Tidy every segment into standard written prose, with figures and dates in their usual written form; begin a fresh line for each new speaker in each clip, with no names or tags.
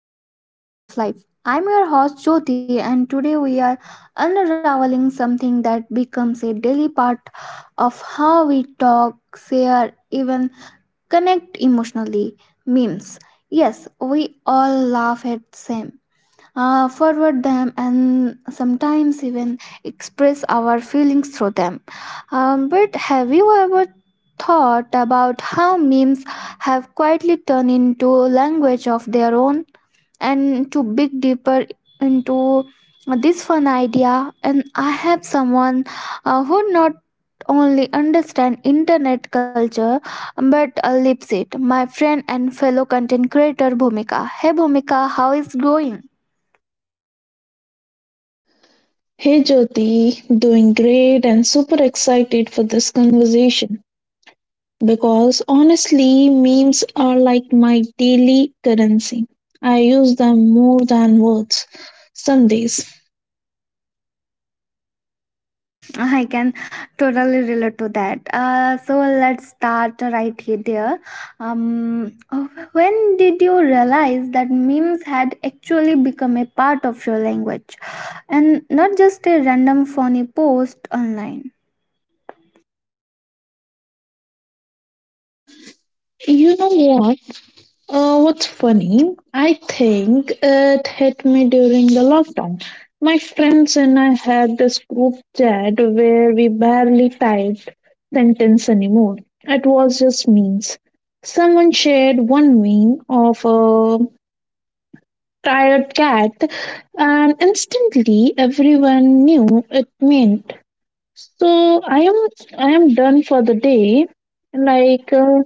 back to Sparkle of Life. I'm your host Jyoti, and today we are unraveling something that becomes a daily part of how we talk, share, even connect emotionally. Memes. Yes, we all laugh at same, forward them and sometimes even express our feelings through them. But have you ever thought about how memes have quietly turned into language of their own? And to dig deeper into this fun idea, and I have someone who not only understand internet culture but lives it, my friend and fellow content creator Bhumika. Hey Bhumika, how is going?
Hey Jyoti, doing great and super excited for this conversation because honestly, memes are like my daily currency. I use them more than words some days.
I can totally relate to that. So let's start right here. There, oh, when did you realize that memes had actually become a part of your language, and not just a random funny post online?
You know what? What's funny? I think it hit me during the lockdown. My friends and I had this group chat where we barely typed sentence anymore. It was just memes. Someone shared one meme of a tired cat, and instantly everyone knew it meant. So I am done for the day. Like. Uh,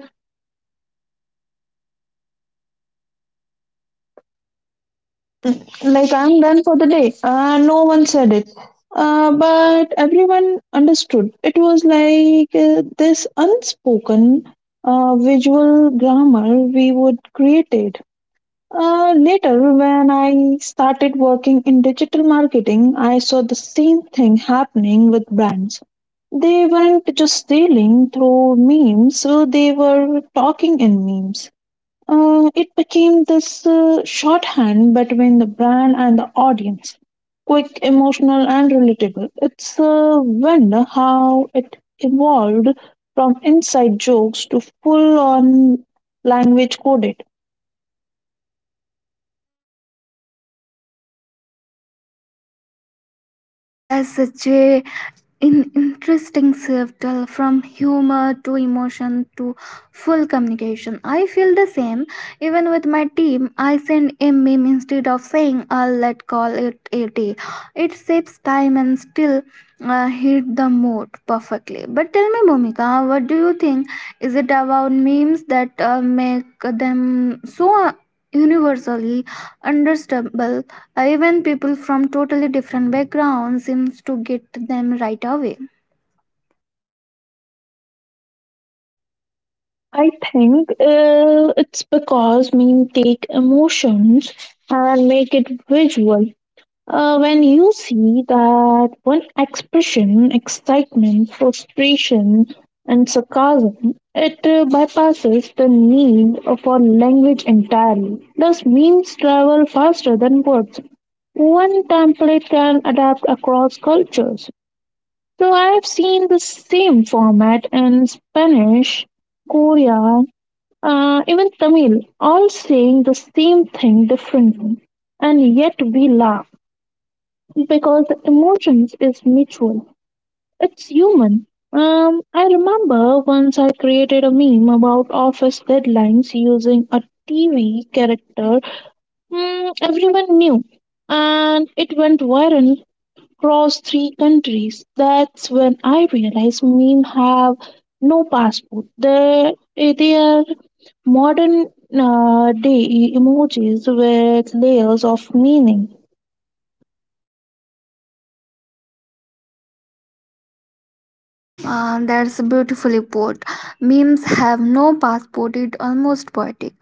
like, I'm done for the day. No one said it. But everyone understood. It was like this unspoken visual grammar we would created. Later, when I started working in digital marketing, I saw the same thing happening with brands. They weren't just sailing through memes, so they were talking in memes. It became this shorthand between the brand and the audience. Quick, emotional, and relatable. It's a wonder how it evolved from inside jokes to full on language coded.
That's such a an interesting shift, from humor to emotion to full communication. I feel the same. Even with my team, I send a meme instead of saying, let's call it a day. It saves time and still hit the mood perfectly. But tell me, Momika, what do you think? Is it about memes that make them so universally understandable, even people from totally different backgrounds seems to get them right away?
I think it's because meme take emotions and make it visual. When you see that one expression, excitement, frustration, and sarcasm, it bypasses the need for language entirely. Thus, memes travel faster than words. One template can adapt across cultures. So, I have seen the same format in Spanish, Korean, even Tamil, all saying the same thing differently, and yet we laugh because the emotions is mutual. It's human. I remember once I created a meme about office deadlines using a TV character mm, everyone knew, and it went viral across three countries. That's when I realized meme have no passport. They are modern day emojis with layers of meaning.
That's beautifully put. Memes have no passport, it almost poetic.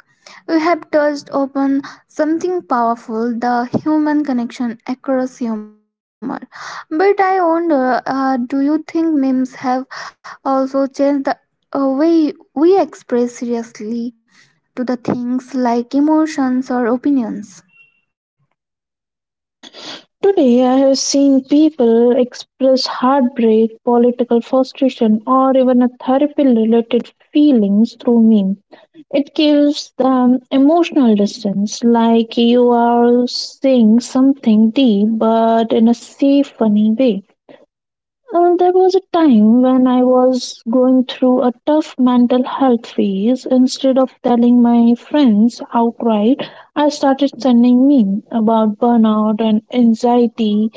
You have touched upon something powerful, the human connection across humor. But I wonder, do you think memes have also changed the way we express seriously to the things like emotions or opinions?
Today, I have seen people express heartbreak, political frustration, or even a therapy related feelings through meme. It gives them emotional distance, like you are saying something deep but in a safe, funny way. There was a time when I was going through a tough mental health phase. Instead of telling my friends outright, I started sending memes about burnout and anxiety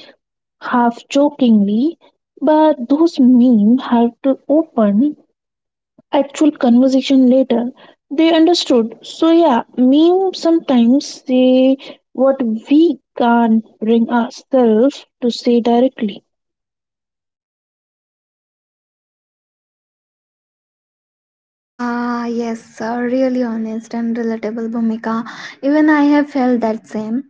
half jokingly, but those memes have to open actual conversation later. They understood. So yeah, memes sometimes say what we can't bring ourselves to say directly.
Ah, yes, really honest and relatable, Bhumika. Even I have felt that same.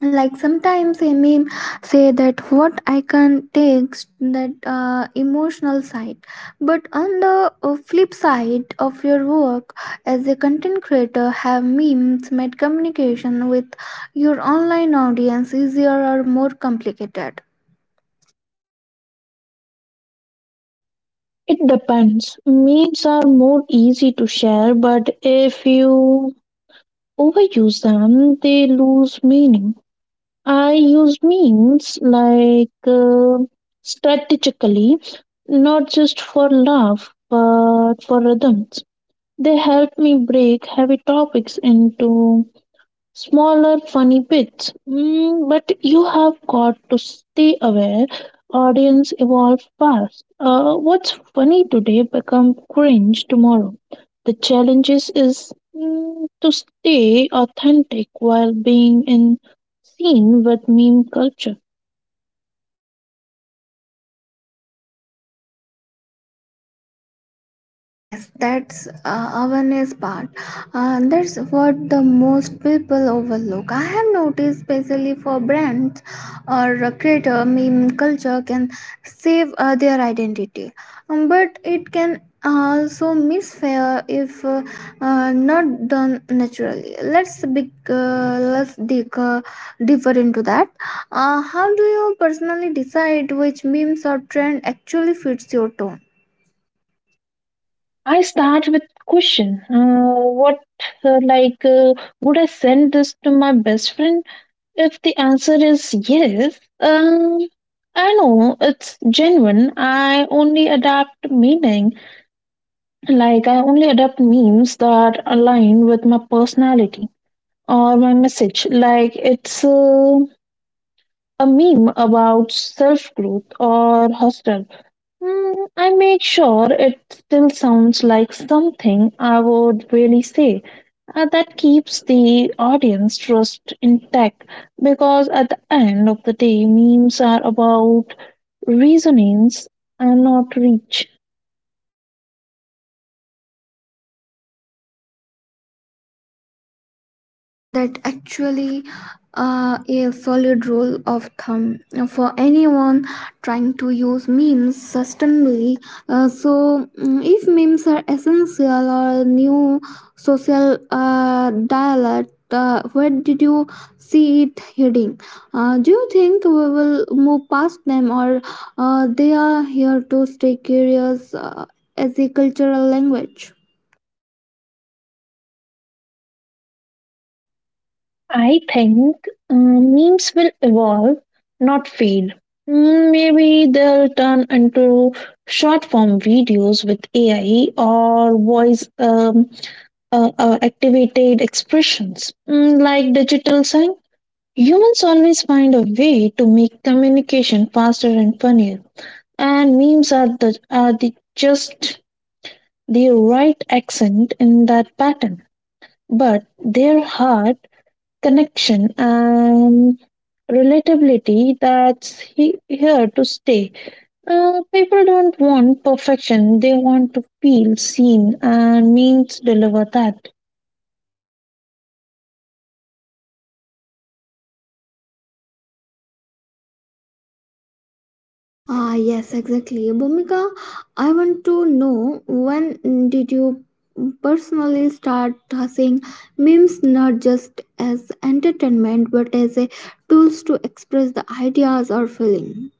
Like sometimes a meme say that what I can takes that emotional side, but on the flip side of your work as a content creator, have memes made communication with your online audience easier or more complicated?
It depends. Memes are more easy to share, but if you overuse them, they lose meaning. I use means like strategically, not just for love, but for rhythms. They help me break heavy topics into smaller funny bits. Mm, but you have got to stay aware. Audience evolve fast. What's funny today become cringe tomorrow. The challenges is to stay authentic while being in scene with meme culture.
Ah, yes, that's awareness part. That's what the most people overlook. I have noticed, especially for brands or a creator, meme culture can save their identity. But it can also misfire if not done naturally. Let's dig deeper into that. How do you personally decide which memes or trend actually fits your tone?
I start with question. What like would I send this to my best friend? If the answer is yes, I know it's genuine. I only adapt memes that align with my personality or my message. Like it's a meme about self growth or hostel. I make sure it still sounds like something I would really say. That keeps the audience trust intact because at the end of the day, memes are about reasonings and not reach.
That actually a solid rule of thumb for anyone trying to use memes sustainably. If memes are essential or new social dialect, where did you see it heading? Do you think we will move past them, or they are here to stay curious as a cultural language?
I think memes will evolve, not fade. Mm, maybe they'll turn into short form videos with AI or voice. Activated expressions. Mm, like digital sign, humans always find a way to make communication faster and funnier. And memes are the just the right accent in that pattern, but their heart connection and relatability, that's here to stay. People don't want perfection; they want to feel seen, and memes deliver that.
Ah, yes, exactly. Bhumika, I want to know, when did you personally start seeing memes not just as entertainment but as a tools to express the ideas or feeling?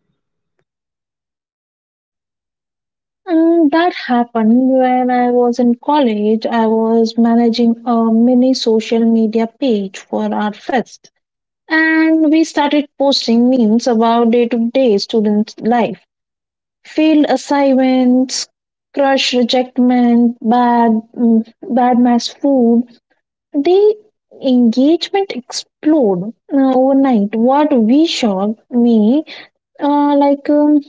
And that happened when I was in college. I was managing a mini social media page for our fest, and we started posting memes about day to day student life, failed assignments, crush rejectment, bad mass food. The engagement exploded overnight. What we shocked me, like.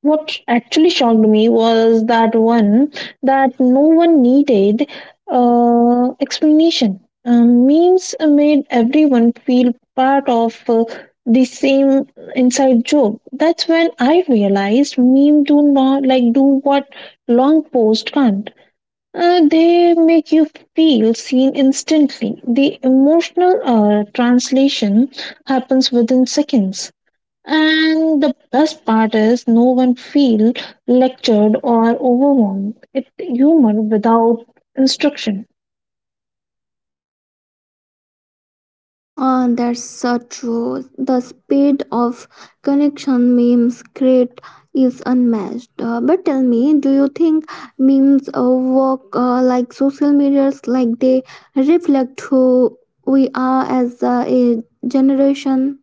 What actually shocked me was that one that no one needed explanation. Memes made everyone feel part of the same inside joke. That's when I realized meme do not like do what long post can't. They make you feel seen instantly. The emotional translation happens within seconds. And the best part is no one feel lectured or overwhelmed. It's humor without instruction.
That's so true. The speed of connection memes create is unmatched. But tell me, do you think memes work like social medias, like they reflect who we are as a generation?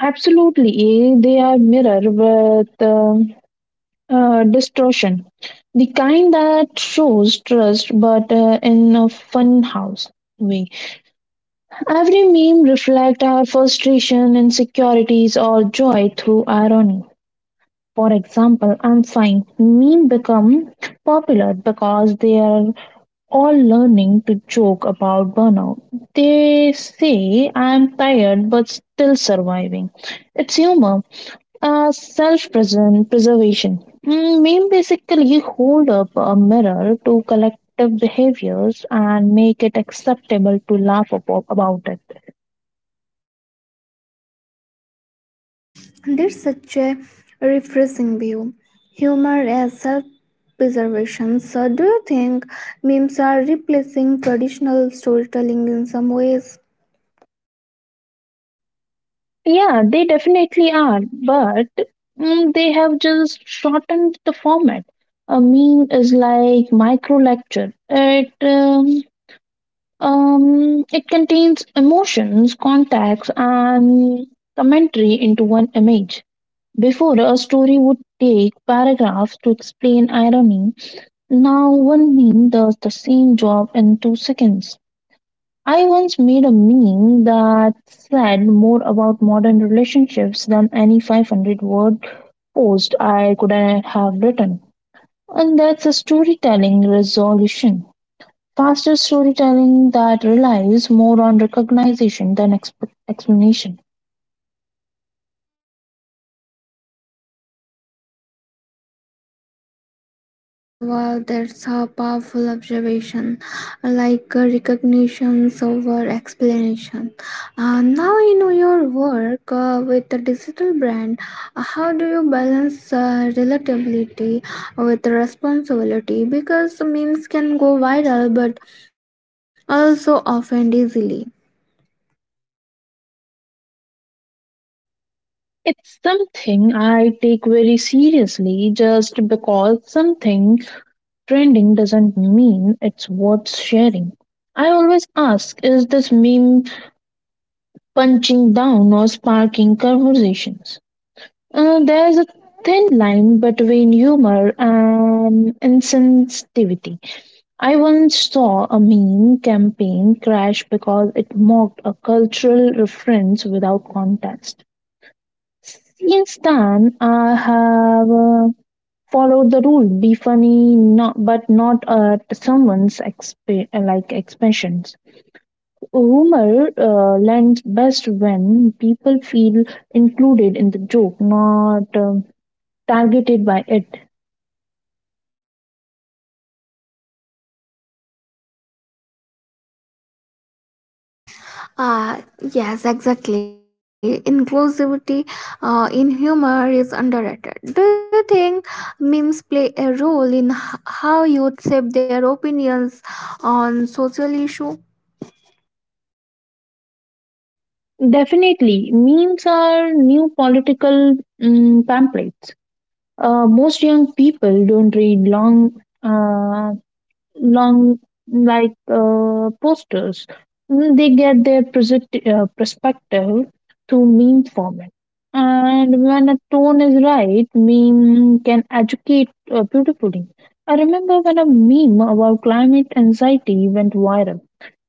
Absolutely, they are mirror with distortion. The kind that shows trust but in a fun house way. Every meme reflects our frustration, insecurities or joy through irony. For example, I'm fine. Meme become popular because they are all learning to joke about burnout. They say I'm tired but still surviving. It's humor, self preservation. Mm, meme basically hold up a mirror to collective behaviors and make it acceptable to laugh about it.
There's such a refreshing view. Humor as self preservation. So, do you think memes are replacing traditional storytelling in some ways?
Yeah, they definitely are, but they have just shortened the format. A meme is like micro lecture. It contains emotions, context, and commentary into one image. Before, a story would take paragraphs to explain irony. Now, one meme does the same job in 2 seconds. I once made a meme that said more about modern relationships than any 500 word post I could have written. And that's a storytelling resolution. Faster storytelling that relies more on recognition than explanation.
Ah, wow, that's a powerful observation. Like recognitions over explanation. Now, in your work with the digital brand, how do you balance relatability with responsibility? Because memes can go viral, but also offend easily.
It's something I take very seriously just because something trending doesn't mean it's worth sharing. I always ask is this meme punching down or sparking conversations? There's a thin line between humor and insensitivity. I once saw a meme campaign crash because it mocked a cultural reference without context. Since then, I have followed the rule: be funny, not at someone's expressions. Humor lends best when people feel included in the joke, not targeted by it.
Uh, yes, exactly. Inclusivity in humor is underrated. Do you think memes play a role in how youth shape their opinions on social issue?
Definitely, memes are new political pamphlets. Most young people don't read long, uh, long like posters. Mm, they get their perspective through meme format. And when a tone is right, meme can educate beautifully. I remember when a meme about climate anxiety went viral.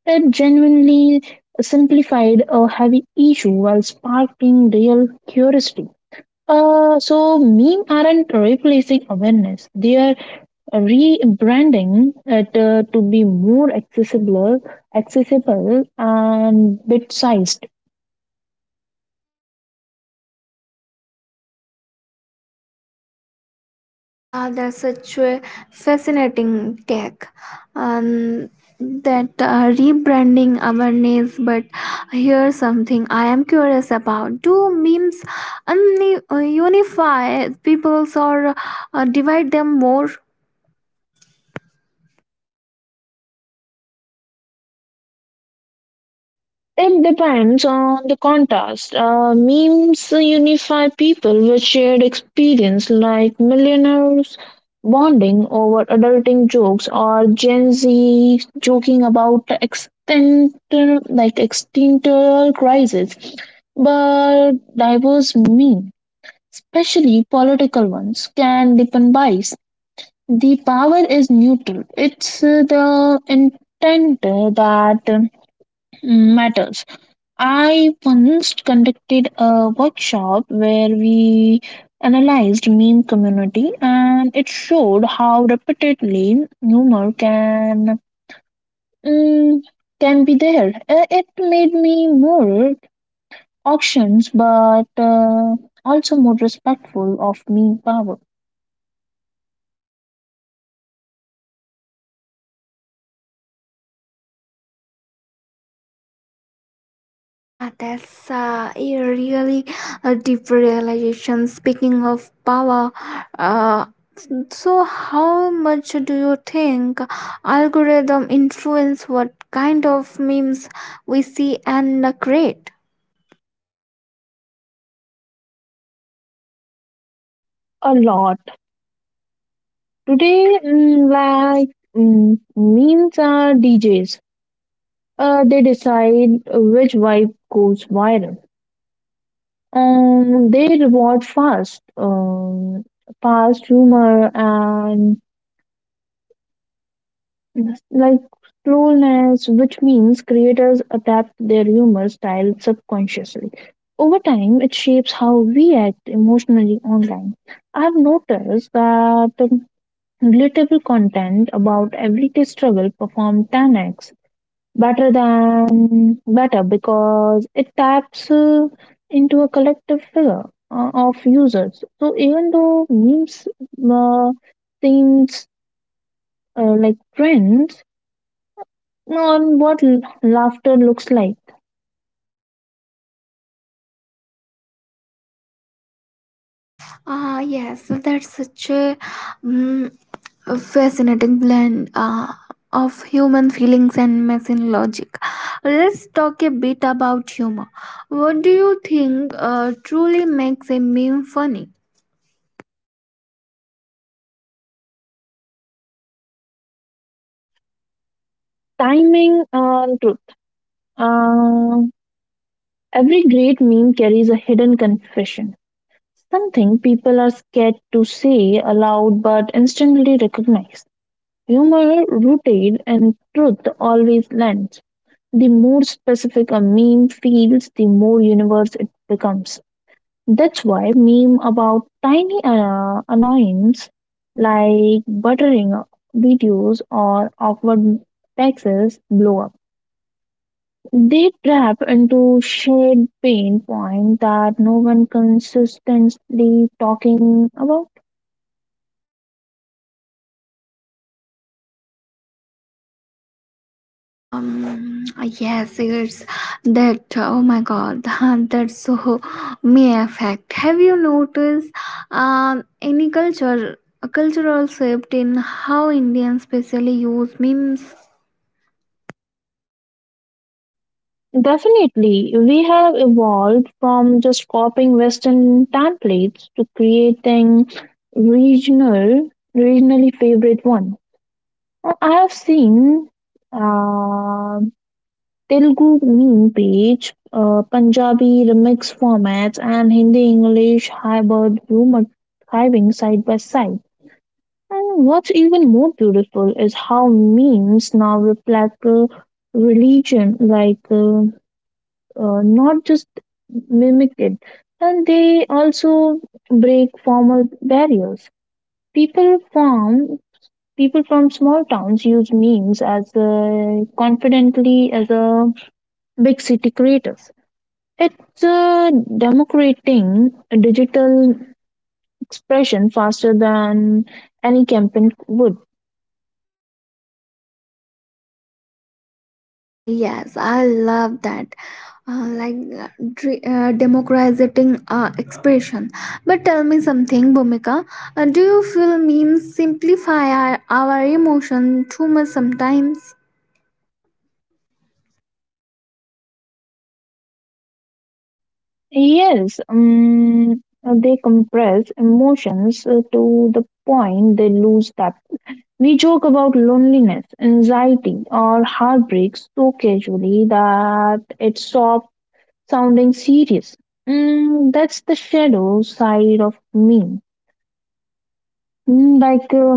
It genuinely simplified a heavy issue while sparking real curiosity. So meme aren't replacing awareness; they are rebranding it to be more accessible and bit-sized.
That's such a fascinating tech, and that rebranding awareness. But here's something I am curious about: do memes unify peoples or divide them more?
It depends on the context. Memes unify people with shared experience, like millionaires bonding over adulting jokes or Gen Z joking about the extent like existential crisis. But diverse memes, especially political ones, can deepen bias. The power is neutral. It's the intent that matters. I once conducted a workshop where we analyzed meme community and it showed how repeatedly humor can mm, can be there. It made me more auctions but also more respectful of meme power
Ah, that's a really a deep realization. Speaking of power, uh, so how much do you think algorithm influence what kind of memes we see and create?
a lot. Today memes are DJs. They decide which vibe goes viral. They reward fast humor and like slowness, which means creators adapt their humor style subconsciously. Over time, it shapes how we act emotionally online. I've noticed that relatable content about everyday struggle perform 10x better than better because it taps into a collective figure of users. So even though memes uh, seems like trends on what laughter looks like,
Ah, yes, that's such a mm, a fascinating blend of human feelings and machine logic. Let's talk a bit about humor. What do you think truly makes a meme funny?
timing and truth. Uh, every great meme carries a hidden confession. Something people are scared to say aloud but instantly recognize. Humor rooted in truth always lands. The more specific a meme feels, the more universe it becomes. That's why meme about tiny annoyance like buttering videos or awkward taxes blow up. They trap into shared pain point that no one consistently talking about.
um yes, it's that, oh my god that's so may affect. Have you noticed any culture a cultural shift in how Indians specially use memes?
Definitely, we have evolved from just copying Western templates to creating regional, regionally favorite one. I have seen uh, Telugu meme page, Punjabi remix formats, and Hindi English hybrid rumor thriving side by side. And what's even more beautiful is how memes now reflect religion, like. Not just mimic it, and they also break formal barriers. People from People from small towns use memes as confidently as a big city creators. It's democrating a digital expression faster than any campaign would.
Yes, I love that, uh, like uh, democratizing expression. But tell me something, Bhumika, do you feel memes simplify our emotion too much sometimes?
Yes, they compress emotions to the point they lose that. We joke about loneliness, anxiety, or heartbreak so casually that it stops sounding serious. Mm, that's the shadow side of me. Mm, like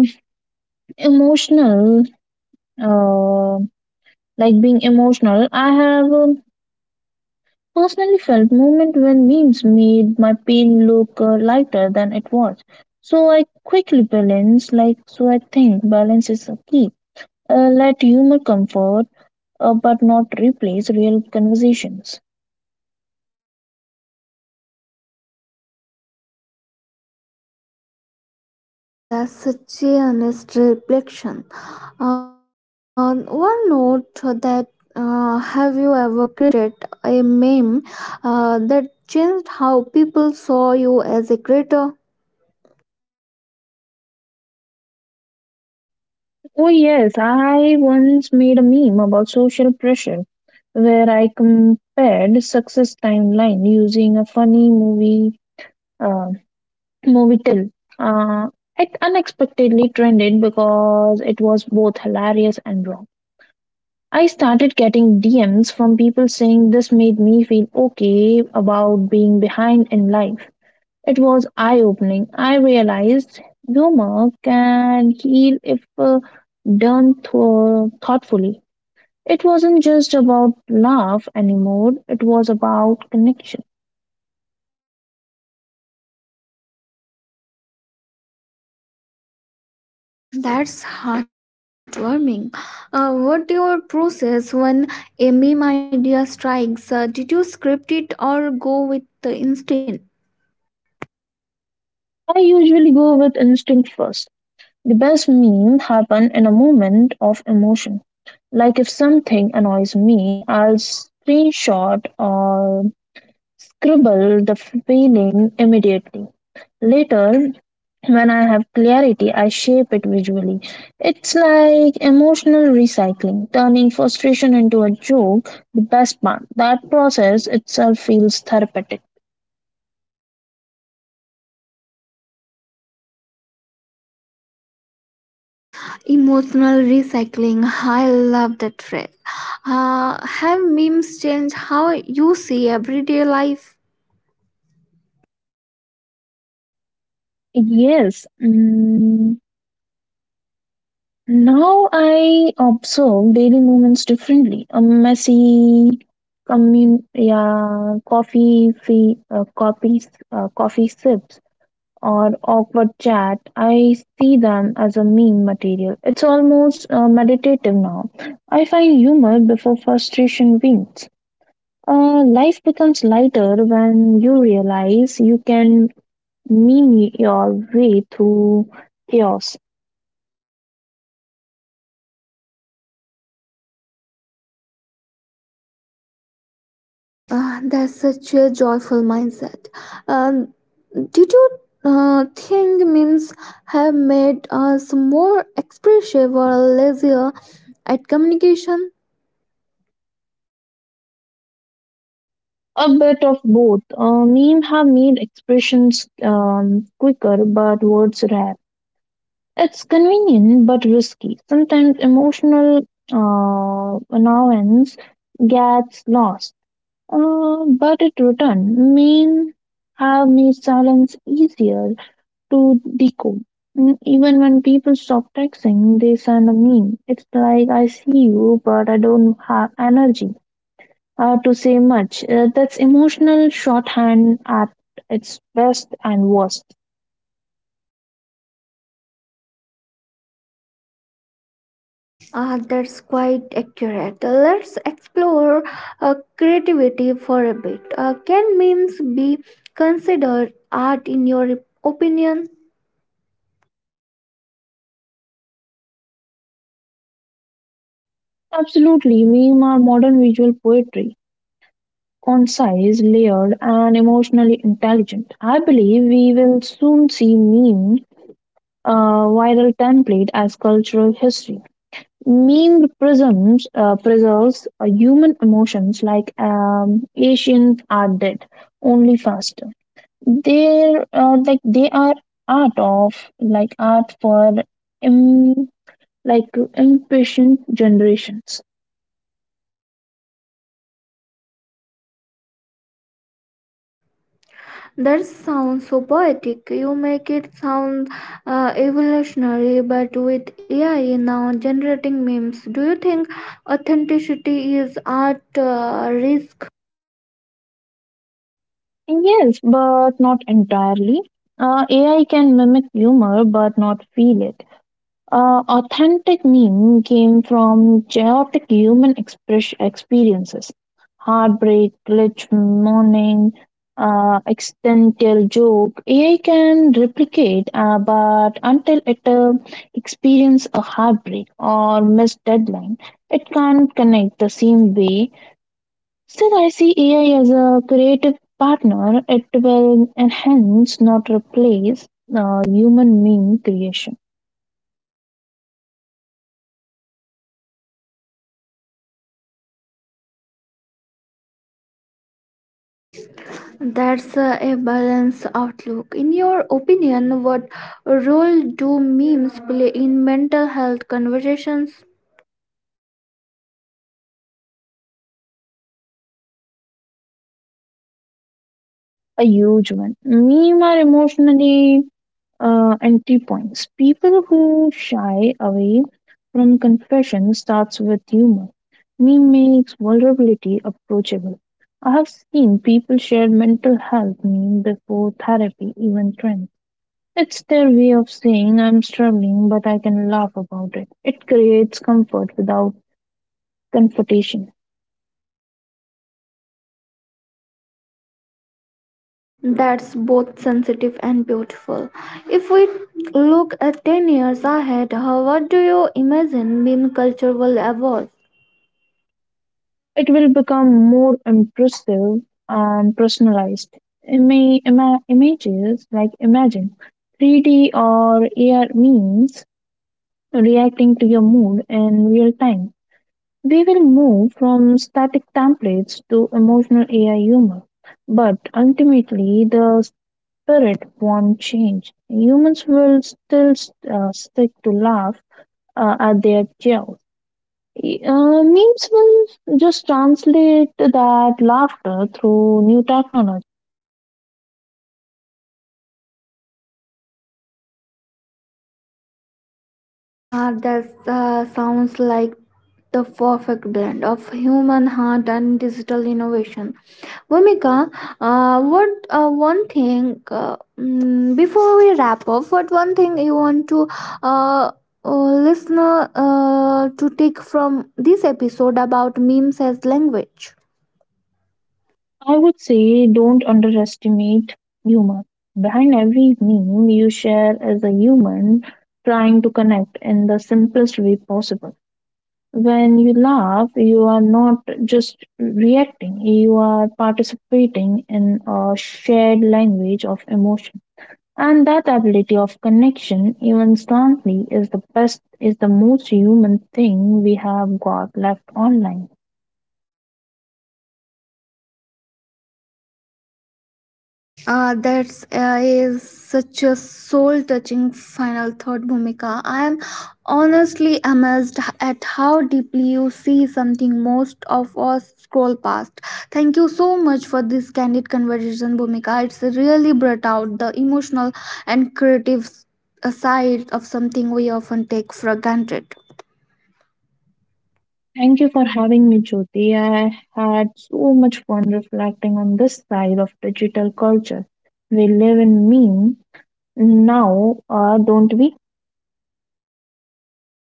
emotional, uh, like being emotional, I have personally felt moment when memes made my pain look lighter than it was. So I think balance is a key. Let humor comfort but not replace real conversations.
That's such a honest reflection. On one note that, have you ever created a meme that changed how people saw you as a creator?
Oh, yes, I once made a meme about social pressure where I compared success timeline using a funny uh, movie till. Uh, it unexpectedly trended because it was both hilarious and wrong. I started getting DMs from people saying this made me feel okay about being behind in life. It was eye-opening. I realized humor can heal if done thoughtfully. It wasn't just about laugh anymore, it was about connection.
That's heartwarming. What your process when a meme idea strikes? Did you script it or go with the instinct?
I usually go with instinct first. The best meme happen in a moment of emotion. Like if something annoys me, I'll screenshot or scribble the feeling immediately. Later, when I have clarity, I shape it visually. It's like emotional recycling, turning frustration into a joke, the best part. That process itself feels therapeutic.
Emotional recycling. I love that phrase. Have memes changed how you see everyday life?
Yes. Now I observe daily movements differently. A messy yeah, coffee coffee, coffee sip or awkward chat, I see them as a meme material. It's almost meditative now. I find humor before frustration wins. Life becomes lighter when you realize you can meme your way through chaos.
That's such a joyful mindset. Um, did you think memes have made us more expressive or lazier at communication?
A bit of both. Meme have made expressions quicker, but words rare. It's convenient but risky. Sometimes emotional nuance gets lost, but it returns. Men have made silence easier to decode. Even when people stop texting, they send a meme. It's like I see you, but I don't have energy to say much. That's emotional shorthand at its best and worst.
Ah, that's quite accurate. Let's explore creativity for a bit. Can memes be considered art in your opinion?
Absolutely, meme are modern visual poetry concise, layered, and emotionally intelligent. I believe we will soon see meme viral template as cultural history. Meme prisms preserves human emotions like Asians are dead, only faster. They are art of art for um, like impatient generations.
That sounds so poetic. You make it sound evolutionary, but with AI now generating memes, do you think authenticity is at risk?
Yes, but not entirely. AI can mimic humor, but not feel it. Authentic meme came from chaotic human express experiences, heartbreak, glitch, mourning, existential joke. AI can replicate, but until it experience a heartbreak or missed deadline, it can't connect the same way. Still, I see AI as a creative partner. It will enhance, not replace, human meme creation.
That's a balanced outlook. In your opinion, what role do memes play in mental health conversations?
A huge one. Meme are emotionally entry points. People who shy away from confession starts with humor. Meme makes vulnerability approachable. I have seen people share mental health meme before therapy even trends. It's their way of saying, I'm struggling, but I can laugh about it. It creates comfort without confrontation.
That's both sensitive and beautiful. If we look at 10 years ahead, how, what do you imagine meme culture will evolve?
It will become more impressive and personalized. Ima- ima- images like Imagine 3D or AR means reacting to your mood in real time. We will move from static templates to emotional AI humor, but ultimately the spirit won't change. Humans will still stick to laugh at their chaos. Memes will just translate that laughter through new technology.
Ah, that sounds like the perfect blend of human heart and digital innovation. Vomika, what before we wrap up? What one thing you want to uh, uh, listener to take from this episode about memes as language?
I would say don't underestimate humor. Behind every meme you share is a human trying to connect in the simplest way possible. When you laugh, you are not just reacting, you are participating in a shared language of emotion. And that ability of connection, even strongly, is the best, is the most human thing we have got left online.
That's is such a soul-touching final thought, Bhumika. I am honestly amazed at how deeply you see something most of us scroll past. Thank you so much for this candid conversation, Bhumika. It's really brought out the emotional and creative side of something we often take for granted.
Thank you for having me, Jyoti. I had so much fun reflecting on this side of digital culture. We live in meme now, don't we?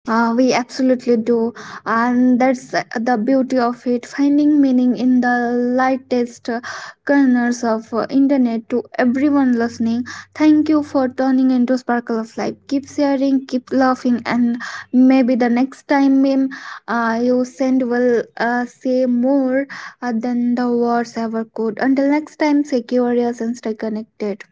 We absolutely do, and that's the beauty of it. Finding meaning in the lightest corners of internet. To everyone listening, thank you for turning into Sparkle of Life. Keep sharing, keep laughing, and maybe the next time meme you send will say more than the words ever could. Until next time, stay curious and stay connected.